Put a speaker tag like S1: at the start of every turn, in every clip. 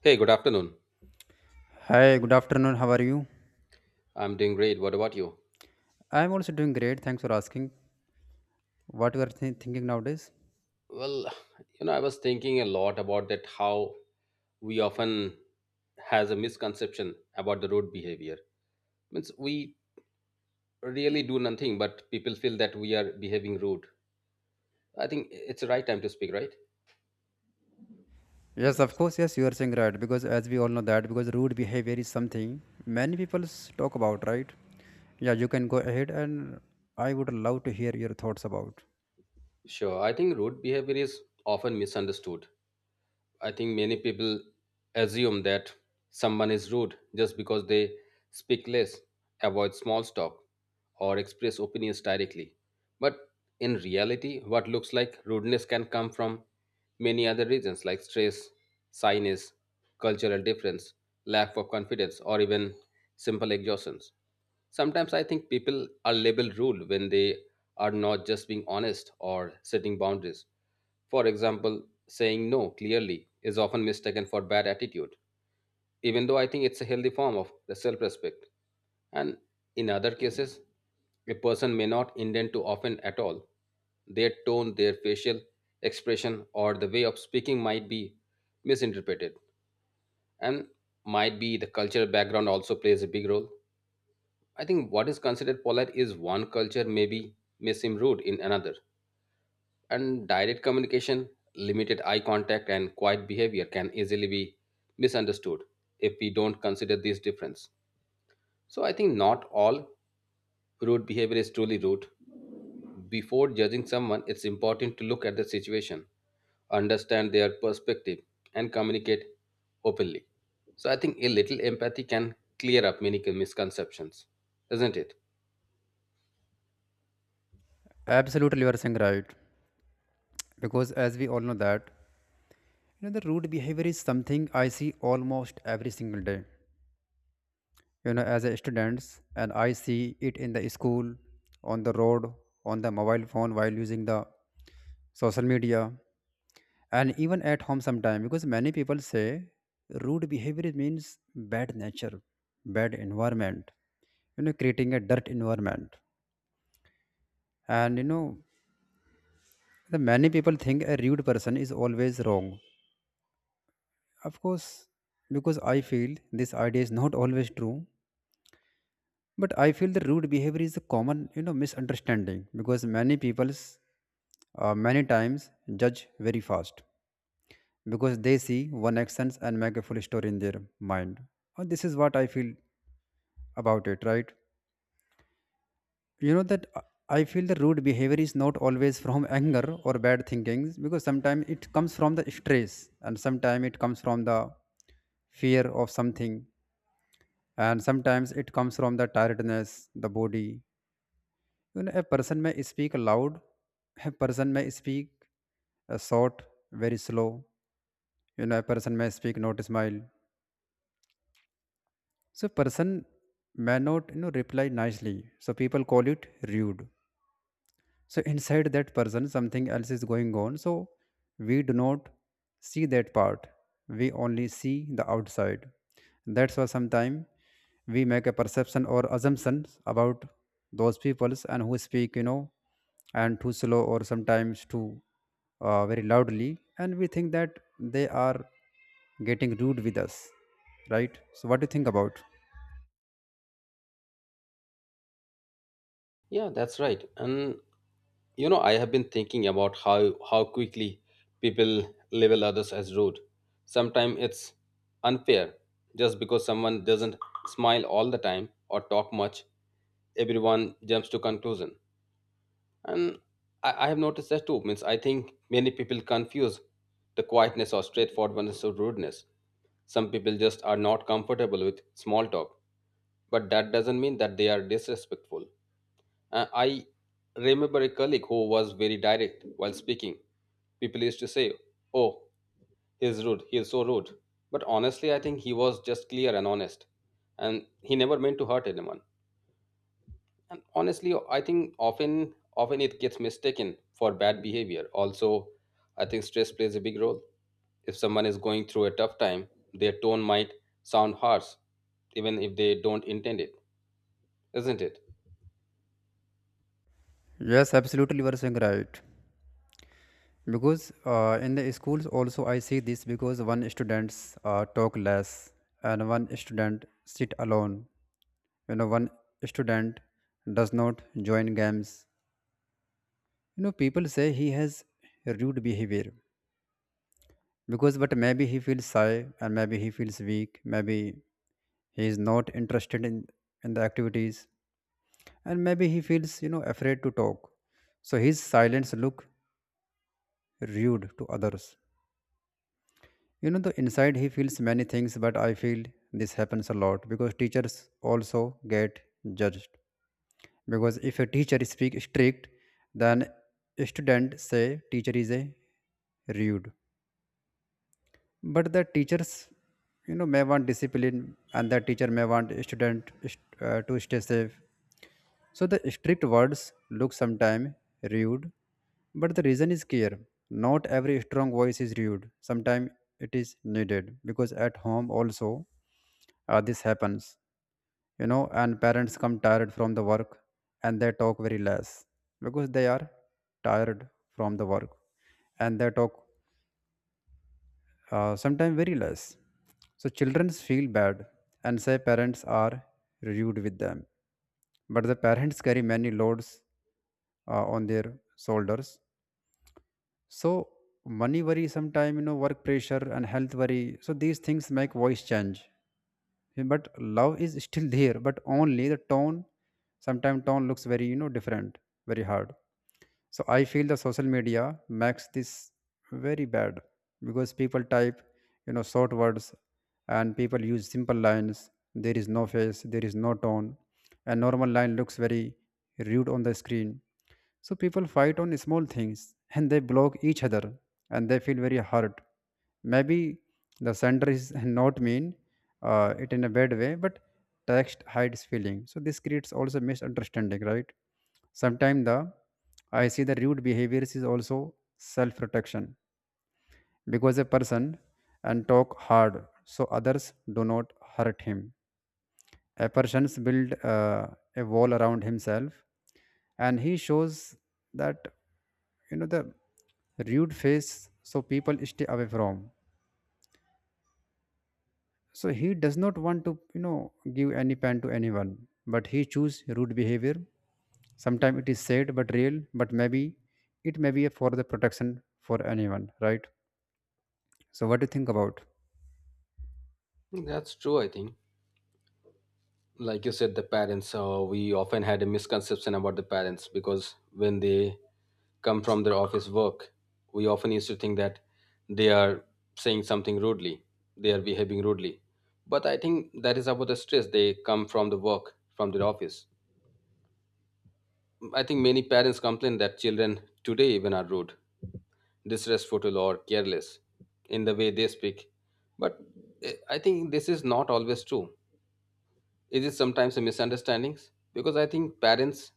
S1: Hey, good afternoon.
S2: Hi, good afternoon. How are you?
S1: I'm doing great. What about you?
S2: I'm also doing great. Thanks for asking. What you are thinking nowadays?
S1: Well, I was thinking a lot about that how we often has a misconception about the rude behavior. Means we really do nothing, but people feel that we are behaving rude. I think it's the right time to speak, right?
S2: Yes, of course. Yes, you are saying right, because as we all know that, because rude behavior is something many people talk about, right? Yeah, you can go ahead, and I would love to hear your thoughts about.
S1: Sure. I think rude behavior is often misunderstood. I think many people assume that someone is rude just because they speak less, avoid small talk, or express opinions directly. But in reality, what looks like rudeness can come from many other reasons like stress, sinus, cultural difference, lack of confidence, or even simple exhaustions. Sometimes I think people are labeled rude when they are not just being honest or setting boundaries. For example, saying no clearly is often mistaken for bad attitude, even though I think it's a healthy form of self respect. And in other cases, a person may not intend to offend at all. Their tone, their facial expression, or the way of speaking might be misinterpreted, and might be the cultural background also plays a big role. I think what is considered polite is one culture may be may seem rude in another. And direct communication, limited eye contact, and quiet behavior can easily be misunderstood if we don't consider these difference. So I think not all rude behavior is truly rude. Before judging someone, it's important to look at the situation, understand their perspective, and communicate openly. So I think a little empathy can clear up many misconceptions, isn't it?
S2: Absolutely, you are saying right, because as we all know that, the rude behavior is something I see almost every single day. As a students, and I see it in the school, on the road, on the mobile phone while using the social media, and even at home sometimes, because many people say rude behavior means bad nature, bad environment, creating a dirt environment. And the many people think a rude person is always wrong, of course. Because I feel this idea is not always true, but I feel the rude behavior is a common misunderstanding, because many people's many times judge very fast, because they see one actions and make a full story in their mind. And this is what I feel about it, right? You know that I feel the rude behavior is not always from anger or bad thinkings, because sometimes it comes from the stress, and sometimes it comes from the fear of something, and sometimes it comes from the tiredness, the body. You know, a person may speak loud, a person may speak short, very slow. You know, a person may speak not smile. So person may not reply nicely. So people call it rude. So inside that person something else is going on. So we do not see that part. We only see the outside. That's why sometimes we make a perception or assumptions about those peoples and who speak and too slow, or sometimes too very loudly, and we think that they are getting rude with us, right? So what do you think about?
S1: Yeah, that's right. And I have been thinking about how quickly people label others as rude. Sometimes it's unfair. Just because someone doesn't smile all the time or talk much, everyone jumps to conclusion. And I have noticed that too. Means I think many people confuse the quietness or straightforwardness of rudeness. Some people just are not comfortable with small talk, but that doesn't mean that they are disrespectful. I remember a colleague who was very direct while speaking. People used to say, Oh, he's rude, he's so rude. But honestly, I think he was just clear and honest. And he never meant to hurt anyone. And honestly, I think often it gets mistaken for bad behavior. Also, I think stress plays a big role. If someone is going through a tough time, their tone might sound harsh, even if they don't intend it, isn't it?
S2: Yes, absolutely, you are saying right. Because in the schools also I see this, because one students talk less, and one student sit alone. One student does not join games. People say he has rude behavior, because but maybe he feels shy, and maybe he feels weak. Maybe he is not interested in the activities, and maybe he feels afraid to talk. So his silence look rude to others. The inside he feels many things, but I feel this happens a lot, because teachers also get judged. Because if a teacher speak strict, then student say teacher is a rude, but the teachers may want discipline, and the teacher may want student to stay safe. So the strict words look sometimes rude, but the reason is clear. Not every strong voice is rude. Sometimes it is needed, because at home also this happens, and parents come tired from the work, and they talk very less, because they are tired from the work, and they talk sometimes very less. So children feel bad and say parents are rude with them. But the parents carry many loads on their shoulders. So money worry, sometimes work pressure, and health worry. So these things make voice change. Yeah, but love is still there, but only the tone, sometimes tone looks very different, very hard. So I feel the social media makes this very bad, because people type short words, and people use simple lines. There is no face, there is no tone, and normal line looks very rude on the screen. So people fight on small things, and they block each other, and they feel very hurt. Maybe the sender is not mean it in a bad way, but text hides feeling. So this creates also misunderstanding, right? Sometimes the I see the rude behaviors is also self-protection, because a person and talk hard so others do not hurt him. A person builds a wall around himself, and he shows that the rude face, so people stay away from. So he does not want to give any pen to anyone, but he choose rude behavior. Sometimes it is sad but real, but maybe it may be for the protection for anyone, right? So what do you think about?
S1: That's true, I think. Like you said, the parents, we often had a misconception about the parents because when they come from their office work, we often used to think that they are saying something rudely, they are behaving rudely, but I think that is about the stress. They come from the work, from their office. I think many parents complain that children today even are rude, disrespectful or careless in the way they speak. But I think this is not always true. Is it sometimes a misunderstandings? Because I think parents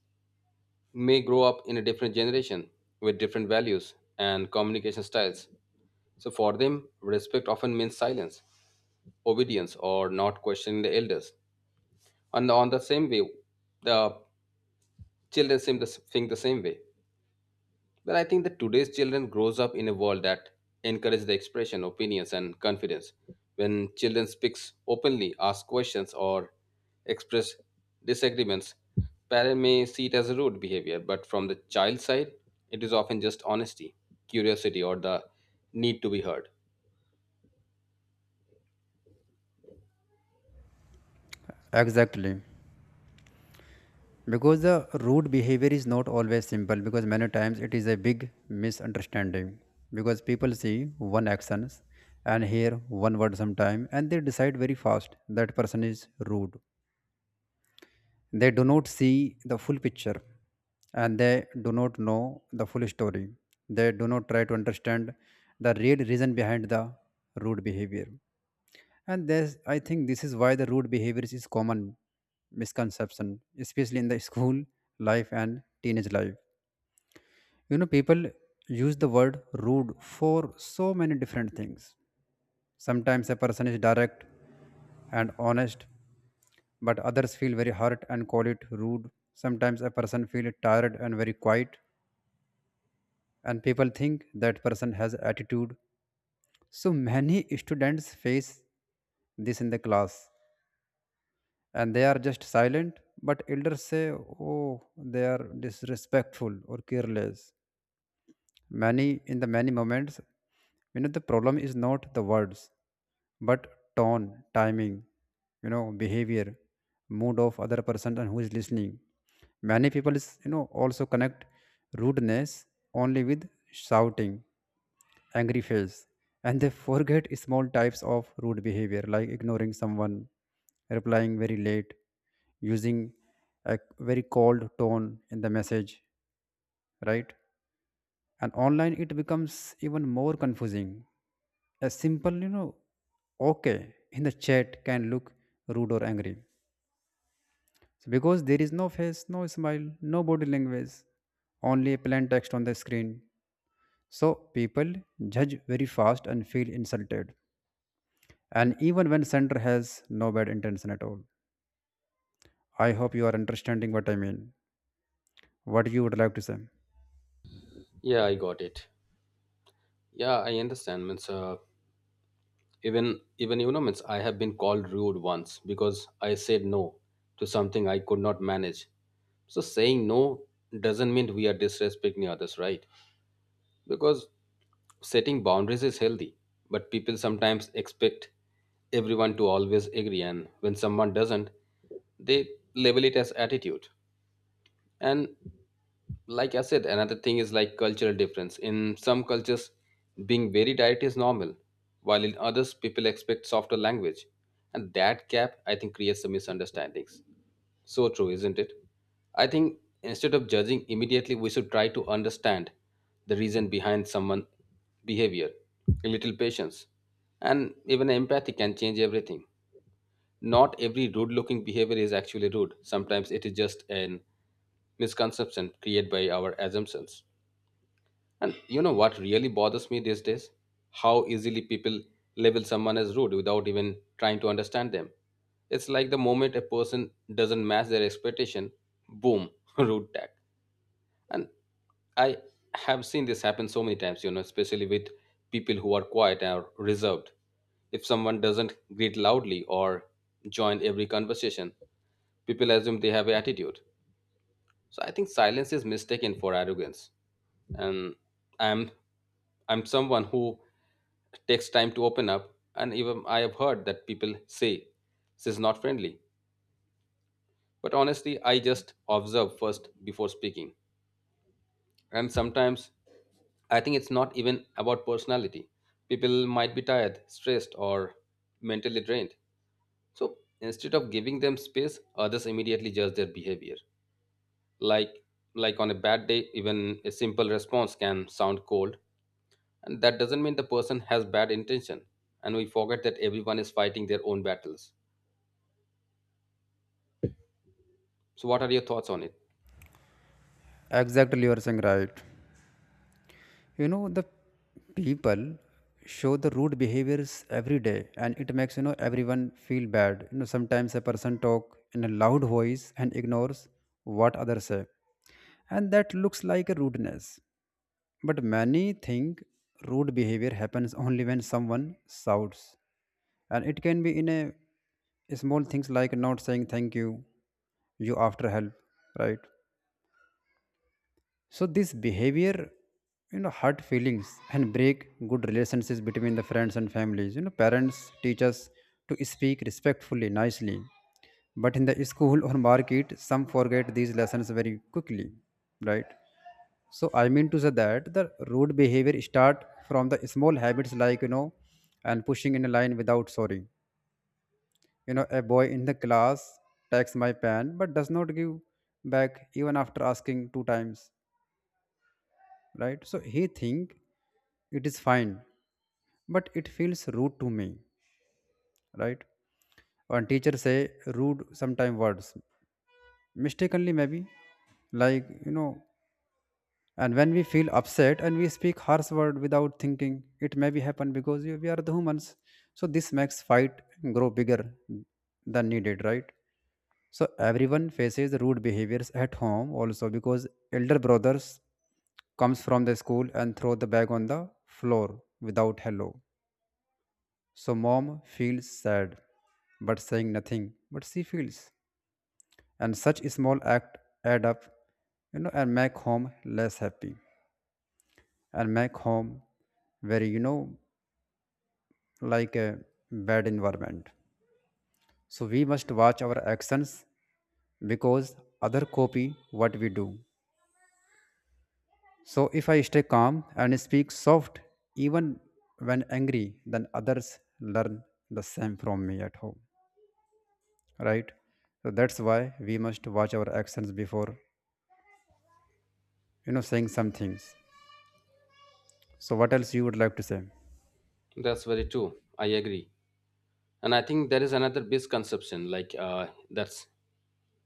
S1: may grow up in a different generation with different values and communication styles. So for them, respect often means silence, obedience, or not questioning the elders. And on the same way, the children seem to think the same way. Well, I think that today's children grows up in a world that encourages the expression, opinions, and confidence. When children speaks openly, ask questions, or express disagreements, parents may see it as a rude behavior, but from the child side, it is often just honesty, curiosity, or the need to be heard.
S2: Exactly. Because the rude behavior is not always simple, because many times it is a big misunderstanding, because people see one actions and hear one word sometime, and they decide very fast that person is rude. They do not see the full picture, and they do not know the full story. They do not try to understand the real reason behind the rude behavior. And I think this is why the rude behaviors is common misconception, especially in the school life and teenage life. You know, people use the word rude for so many different things. Sometimes a person is direct and honest, but others feel very hurt and call it rude. Sometimes a person feel tired and very quiet, and people think that person has attitude. So many students face this in the class, and they are just silent, but elders say, oh, they are disrespectful or careless. Many in the many moments, the problem is not the words, but tone, timing, behavior, mood of other person and who is listening. Many people is also connect rudeness only with shouting, angry face, and they forget small types of rude behavior, like ignoring someone, replying very late, using a very cold tone in the message, right? And online it becomes even more confusing. A simple okay in the chat can look rude or angry, so because there is no face, no smile, no body language, only plain text on the screen. So people judge very fast and feel insulted, and even when sender has no bad intention at all. I hope you are understanding what I mean, what you would like to say.
S1: Yeah, I got it. Yeah, I understand. Means even means I have been called rude once because I said no to something I could not manage. So saying no doesn't mean we are disrespecting others, right? Because setting boundaries is healthy, but people sometimes expect everyone to always agree, and when someone doesn't, they label it as attitude. And like I said, another thing is like cultural difference. In some cultures, being very direct is normal, while in others, people expect softer language. And that gap, I think, creates some misunderstandings. So true, isn't it? I think instead of judging immediately, we should try to understand the reason behind someone's behavior. A little patience and even empathy can change everything. Not every rude looking behavior is actually rude. Sometimes it is just an misconception created by our assumptions. And you know what really bothers me these days? How easily people label someone as rude without even trying to understand them. It's like the moment a person doesn't match their expectation, boom, rude tag. And I have seen this happen so many times, especially with people who are quiet or reserved. If someone doesn't greet loudly or join every conversation, people assume they have an attitude. So I think silence is mistaken for arrogance. And I'm I'm someone who takes time to open up and even I have heard that people say this is not friendly. But honestly, I just observe first before speaking. And sometimes I think it's not even about personality. People might be tired, stressed or mentally drained. So instead of giving them space, others immediately judge their behavior. like like on a bad day, even a simple response can sound cold, and that doesn't mean the person has bad intention. And we forget that everyone is fighting their own battles. So what are your thoughts on it?
S2: Exactly, you are saying right. The people show the rude behaviors every day, and it makes everyone feel bad. Sometimes a person talk in a loud voice and ignores what others say, and that looks like a rudeness. But many think rude behavior happens only when someone shouts, and it can be in a small things like not saying thank you after help, right? So this behavior, hurt feelings and break good relationships between the friends and families. Parents teach us to speak respectfully, nicely. But in the school or market, some forget these lessons very quickly, right? So I mean to say that the rude behavior start from the small habits, like, and pushing in a line without sorry. A boy in the class takes my pen, but does not give back even after asking two times, right? So he think it is fine, but it feels rude to me, right? When teachers say rude sometime words mistakenly, maybe, like, and when we feel upset, and we speak harsh word without thinking, it may be happen because we are the humans. So this makes fight grow bigger than needed, right? So everyone faces rude behaviors at home also, because elder brothers comes from the school and throw the bag on the floor without hello. So mom feels sad, but saying nothing, but she feels. And such small act add up, and make home less happy, and make home very, like a bad environment. So we must watch our actions, because other copy what we do. So if I stay calm and speak soft, even when angry, then others learn the same from me at home, right? So that's why we must watch our actions before saying some things. So what else you would like to say?
S1: That's very true, I agree. And I think there is another misconception like,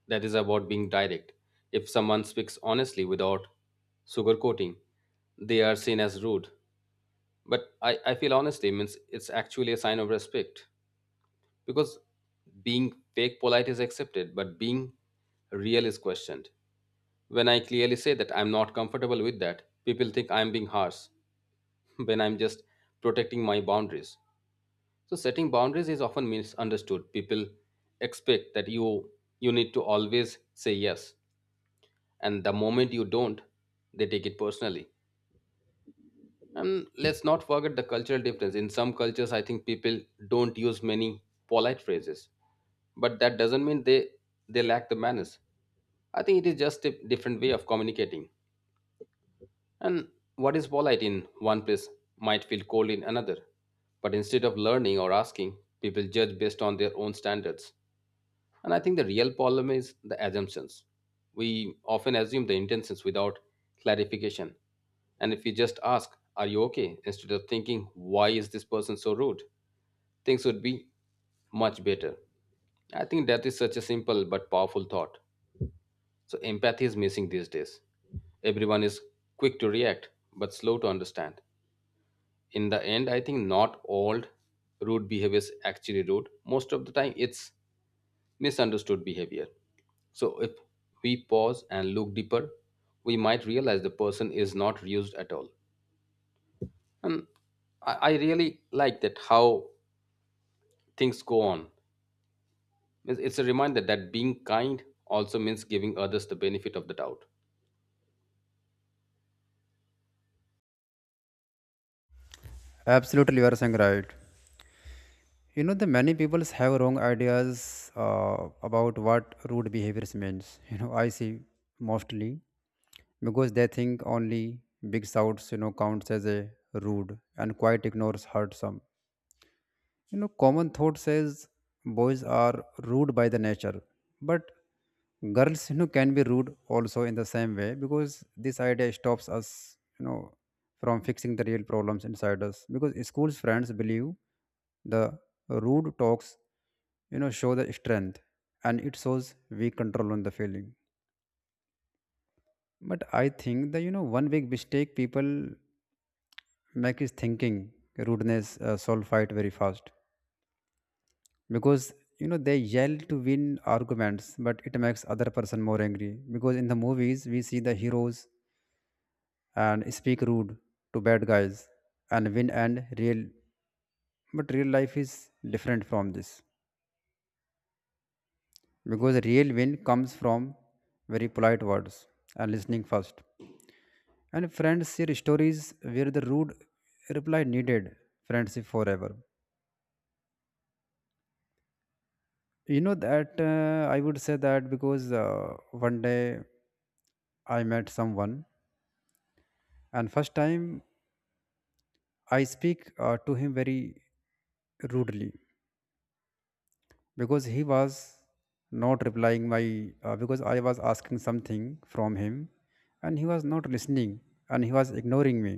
S1: that is about being direct. If someone speaks honestly without sugarcoating, they are seen as rude. But I feel honestly means it's actually a sign of respect because being fake polite is accepted but being real is questioned. When I clearly say that I'm not comfortable with that, people think I'm being harsh when I'm just protecting my boundaries. So setting boundaries is often misunderstood. People expect that you need to always say yes, and the moment you don't, they take it personally. And let's not forget the cultural difference. In some cultures, I think people don't use many polite phrases, but that doesn't mean they lack the manners. I think it is just a different way of communicating. And what is polite in one place might feel cold in another. But instead of learning or asking, people judge based on their own standards. And I think the real problem is the assumptions. We often assume the intentions without clarification. And if we just ask, Are you okay? instead of thinking, Why is this person so rude? Things would be much better. I think that is such a simple but powerful thought. So empathy is missing these days. Everyone is quick to react but slow to understand. In the end, I think not all rude behavior is actually rude. Most of the time, it's misunderstood behavior. So, if we pause and look deeper, we might realize the person is not used at all. And I really like that how things go on. It's a reminder that being kind also means giving others the benefit of the doubt.
S2: Absolutely, you are saying right. The many people have wrong ideas about what rude behaviors means. You know, I see mostly, because they think only big shouts counts as a rude, and quiet ignores hurt some. Common thought says boys are rude by the nature, but girls, can be rude also in the same way, because this idea stops us, from fixing the real problems inside us. Because school's friends believe the rude talks, show the strength, and it shows weak control on the feeling. But I think the you know one big mistake people make is thinking rudeness solve fight very fast because you know they yell to win arguments, but it makes other person more angry. Because in the movies we see the heroes and speak rude to bad guys and win and real, but real life is different from this because real win comes from very polite words and listening first. And friends share stories where the rude reply needed friendship forever. You know that, I would say that because one day I met someone and first time I speak to him very rudely because he was not replying my because I was asking something from him and he was not listening and he was ignoring me.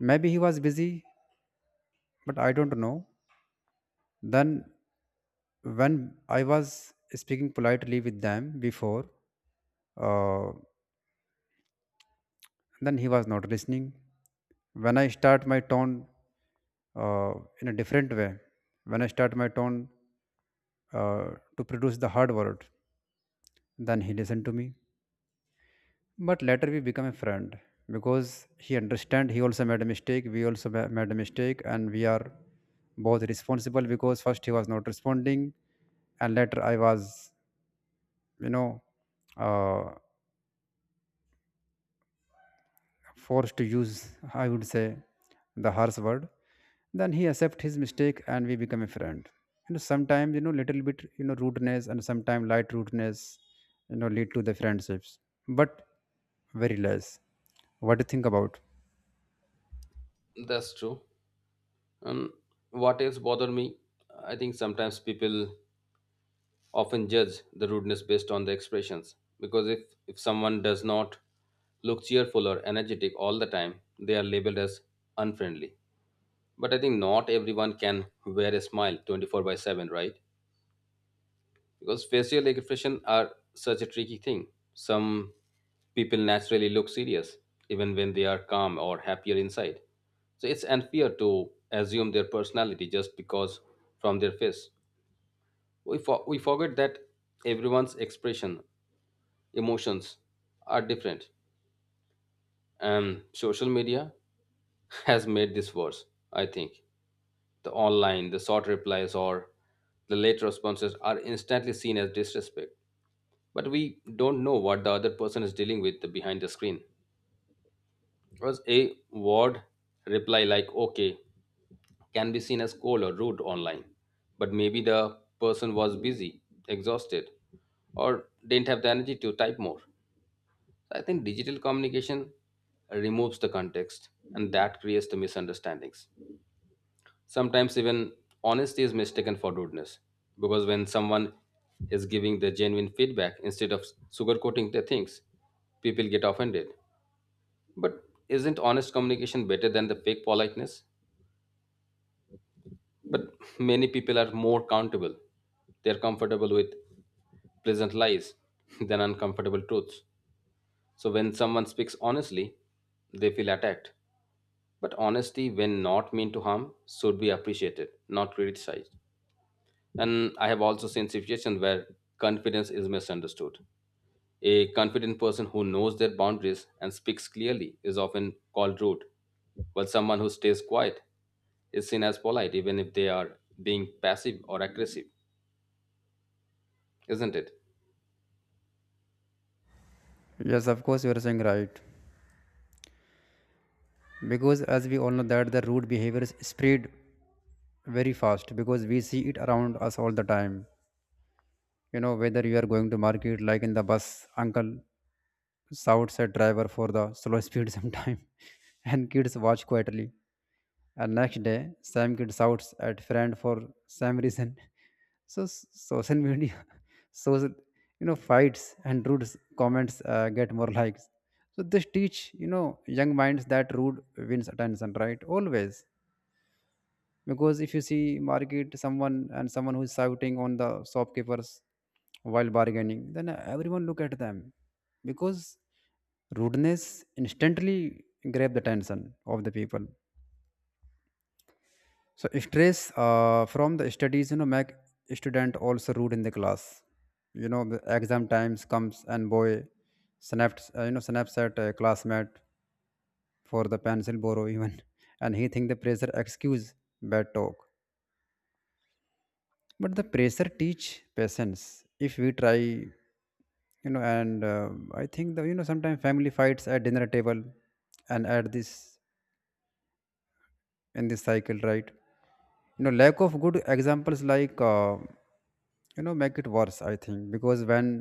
S2: Maybe he was busy, but I don't know. Then when I was speaking politely with them before, uh, then he was not listening. When I start my tone uh, in a different way when I start my tone uh, to produce the hard word. Then he listened to me. But later we became a friend because he understand he also made a mistake. We also made a mistake, and we are both responsible because first he was not responding, and later I was, you know, uh, forced to use, I would say, the harsh word. Then he accept his mistake and we become a friend. You know, sometimes, you know, little bit, you know, rudeness and sometimes light rudeness, you know, lead to the friendships, but very less. What do you think about?
S1: That's true. And what else bother me? I think sometimes people often judge the rudeness based on the expressions because if someone does not look cheerful or energetic all the time, they are labeled as unfriendly. But I think not everyone can wear a smile 24/7, right? Because facial expression are such a tricky thing. Some people naturally look serious even when they are calm or happier inside. So it's unfair to assume their personality just because from their face. We forget that everyone's expression, emotions are different. And social media has made this worse. I think the online, the short replies or the late responses are instantly seen as disrespect, but we don't know what the other person is dealing with behind the screen, because a word reply like okay can be seen as cold or rude online, but maybe the person was busy, exhausted, or didn't have the energy to type more. So, I think digital communication removes the context and that creates the misunderstandings. Sometimes even honesty is mistaken for rudeness because when someone is giving the genuine feedback instead of sugarcoating their things, people get offended. But isn't honest communication better than the fake politeness? But many people are more accountable. They're comfortable with pleasant lies than uncomfortable truths. So when someone speaks honestly, they feel attacked. But honesty, when not meant to harm, should be appreciated, not criticized. And I have also seen situations where confidence is misunderstood. A confident person who knows their boundaries and speaks clearly is often called rude, while someone who stays quiet is seen as polite, even if they are being passive or aggressive, isn't it?
S2: Yes, of course, you are saying right. Because as we all know that the rude behaviors spread very fast because we see it around us all the time. You know, whether you are going to market, like in the bus, uncle shouts at driver for the slow speed sometime and kids watch quietly, and next day same kid shouts at friend for same reason. so s- social media shows, you know, fights and rude comments get more likes. So this teach, you know, young minds that rude wins attention, right, always. Because if you see market someone, and someone who is shouting on the shopkeepers while bargaining, then everyone look at them because rudeness instantly grab the attention of the people. So stress from the studies, you know, make student also rude in the class. You know, the exam times comes and boy snaps you know snaps at a classmate for the pencil borrow even. And he think the pressure excuse bad talk, but the pressure teach patience if we try, you know. And I think the you know sometimes family fights at dinner table, and at this in this cycle, right, you know, lack of good examples, like, you know, make it worse, I think. Because when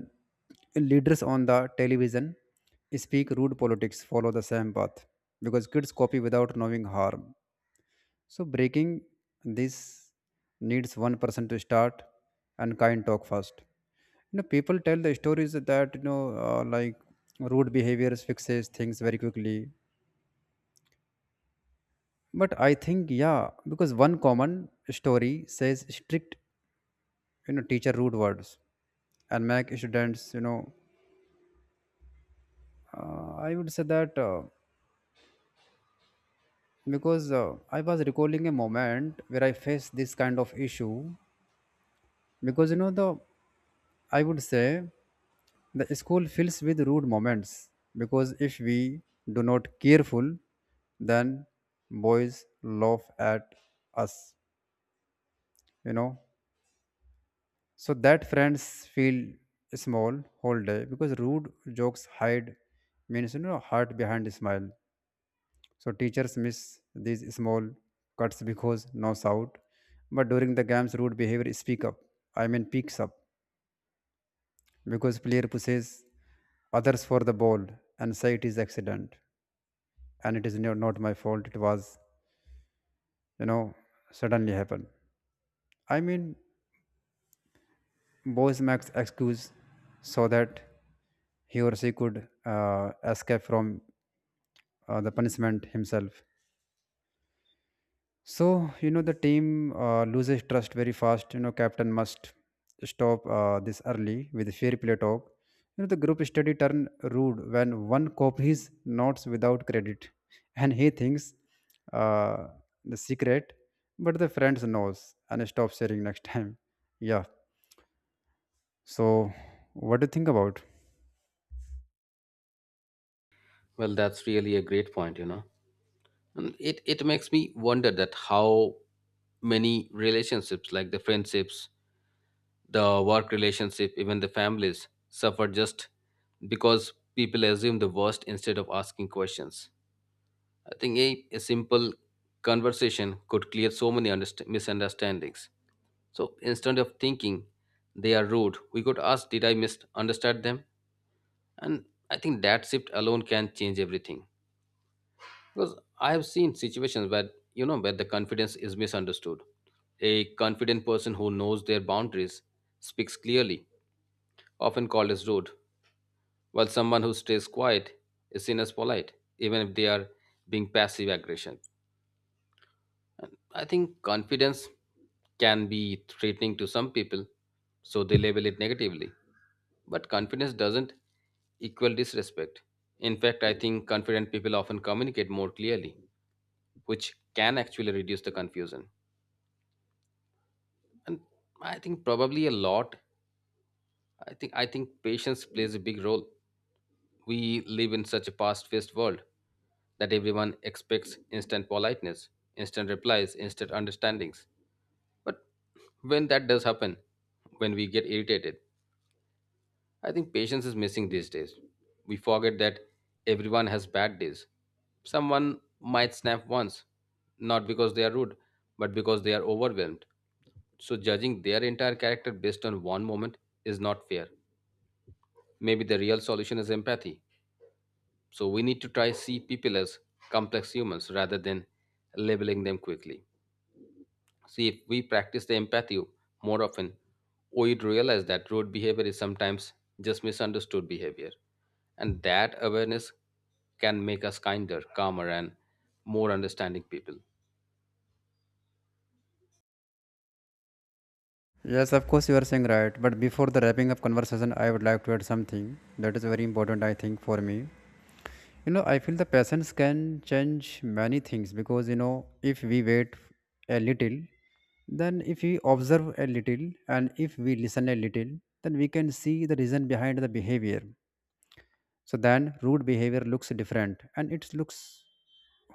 S2: leaders on the television speak rude, politics follow the same path because kids copy without knowing harm. So breaking this needs one person to start and kind talk first. You know, people tell the stories that, you know, like rude behaviors fixes things very quickly. But I think yeah, because one common story says strict, you know, teacher rude words, and make students, you know, I would say that because I was recalling a moment where I faced this kind of issue. Because you know the I would say the school fills with rude moments because if we do not careful, then boys laugh at us, you know, so that friends feel small whole day because rude jokes hide, means, you know, heart behind smile. So teachers miss these small cuts because no shout. But during the games rude behavior speak up I mean picks up because player pushes others for the ball and say it is accident, and it is no, not my fault, it was, you know, suddenly happened. I mean, boys makes excuse so that he or she could escape from the punishment himself. So, you know, the team loses trust very fast. You know, captain must stop this early with fair play talk. You know, the group study turn rude when one copies notes without credit and he thinks uh, the secret, but the friends knows and stop sharing next time. Yeah. So, what do you think about?
S1: Well, that's really a great point. And it makes me wonder that how many relationships, like the friendships, the work relationship, even the families suffer just because people assume the worst instead of asking questions. I think a simple conversation could clear so many misunderstandings. So instead of thinking they are rude, we could ask, Did I misunderstand them? And I think that shift alone can change everything. Because I have seen situations where, where the confidence is misunderstood. A confident person who knows their boundaries speaks clearly, often called as rude, while someone who stays quiet is seen as polite, even if they are being passive aggression. I think confidence can be threatening to some people, so they label it negatively. But confidence doesn't equal disrespect. In fact, I think confident people often communicate more clearly, which can actually reduce the confusion. And I think probably a lot. I think patience plays a big role. We live in such a fast paced world that everyone expects instant politeness, instant replies, instant understandings. But when that does happen, when we get irritated, I think patience is missing these days. We forget that everyone has bad days. Someone might snap once, not because they are rude, but because they are overwhelmed. So judging their entire character based on one moment is not fair. Maybe the real solution is empathy. So we need to try see people as complex humans rather than labeling them quickly. See, if we practice the empathy more often, we'd realize that road behavior is sometimes just misunderstood behavior. And that awareness can make us kinder, calmer, and more understanding people.
S2: Yes, of course you are saying right. But before the wrapping up conversation, I would like to add something that is very important, I think, for me. You know, I feel the patience can change many things because, you know, if we wait a little, then if we observe a little and if we listen a little, then we can see the reason behind the behavior. So then rude behavior looks different and it looks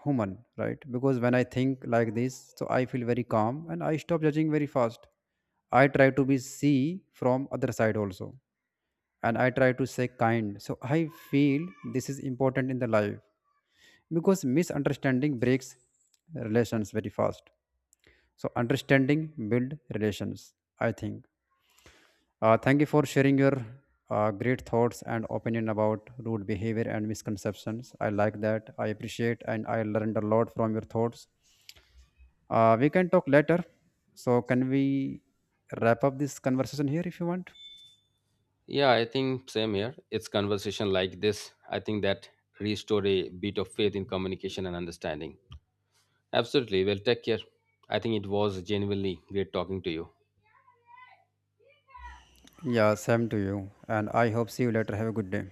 S2: human, right? Because when I think like this, so I feel very calm and I stop judging very fast. I try to be see from other side also, and I try to say kind. So I feel this is important in the life because misunderstanding breaks relations very fast, so understanding build relations, I think. Thank you for sharing your great thoughts and opinion about rude behavior and misconceptions. I like that, I appreciate, and I learned a lot from your thoughts. We can talk later. So can we wrap up this conversation here if you want?
S1: Yeah, I think same here. It's conversation like this. I think that restore a bit of faith in communication and understanding. Absolutely. Well, take care. I think it was genuinely great talking to you.
S2: Yeah, same to you, and I hope see you later. Have a good day.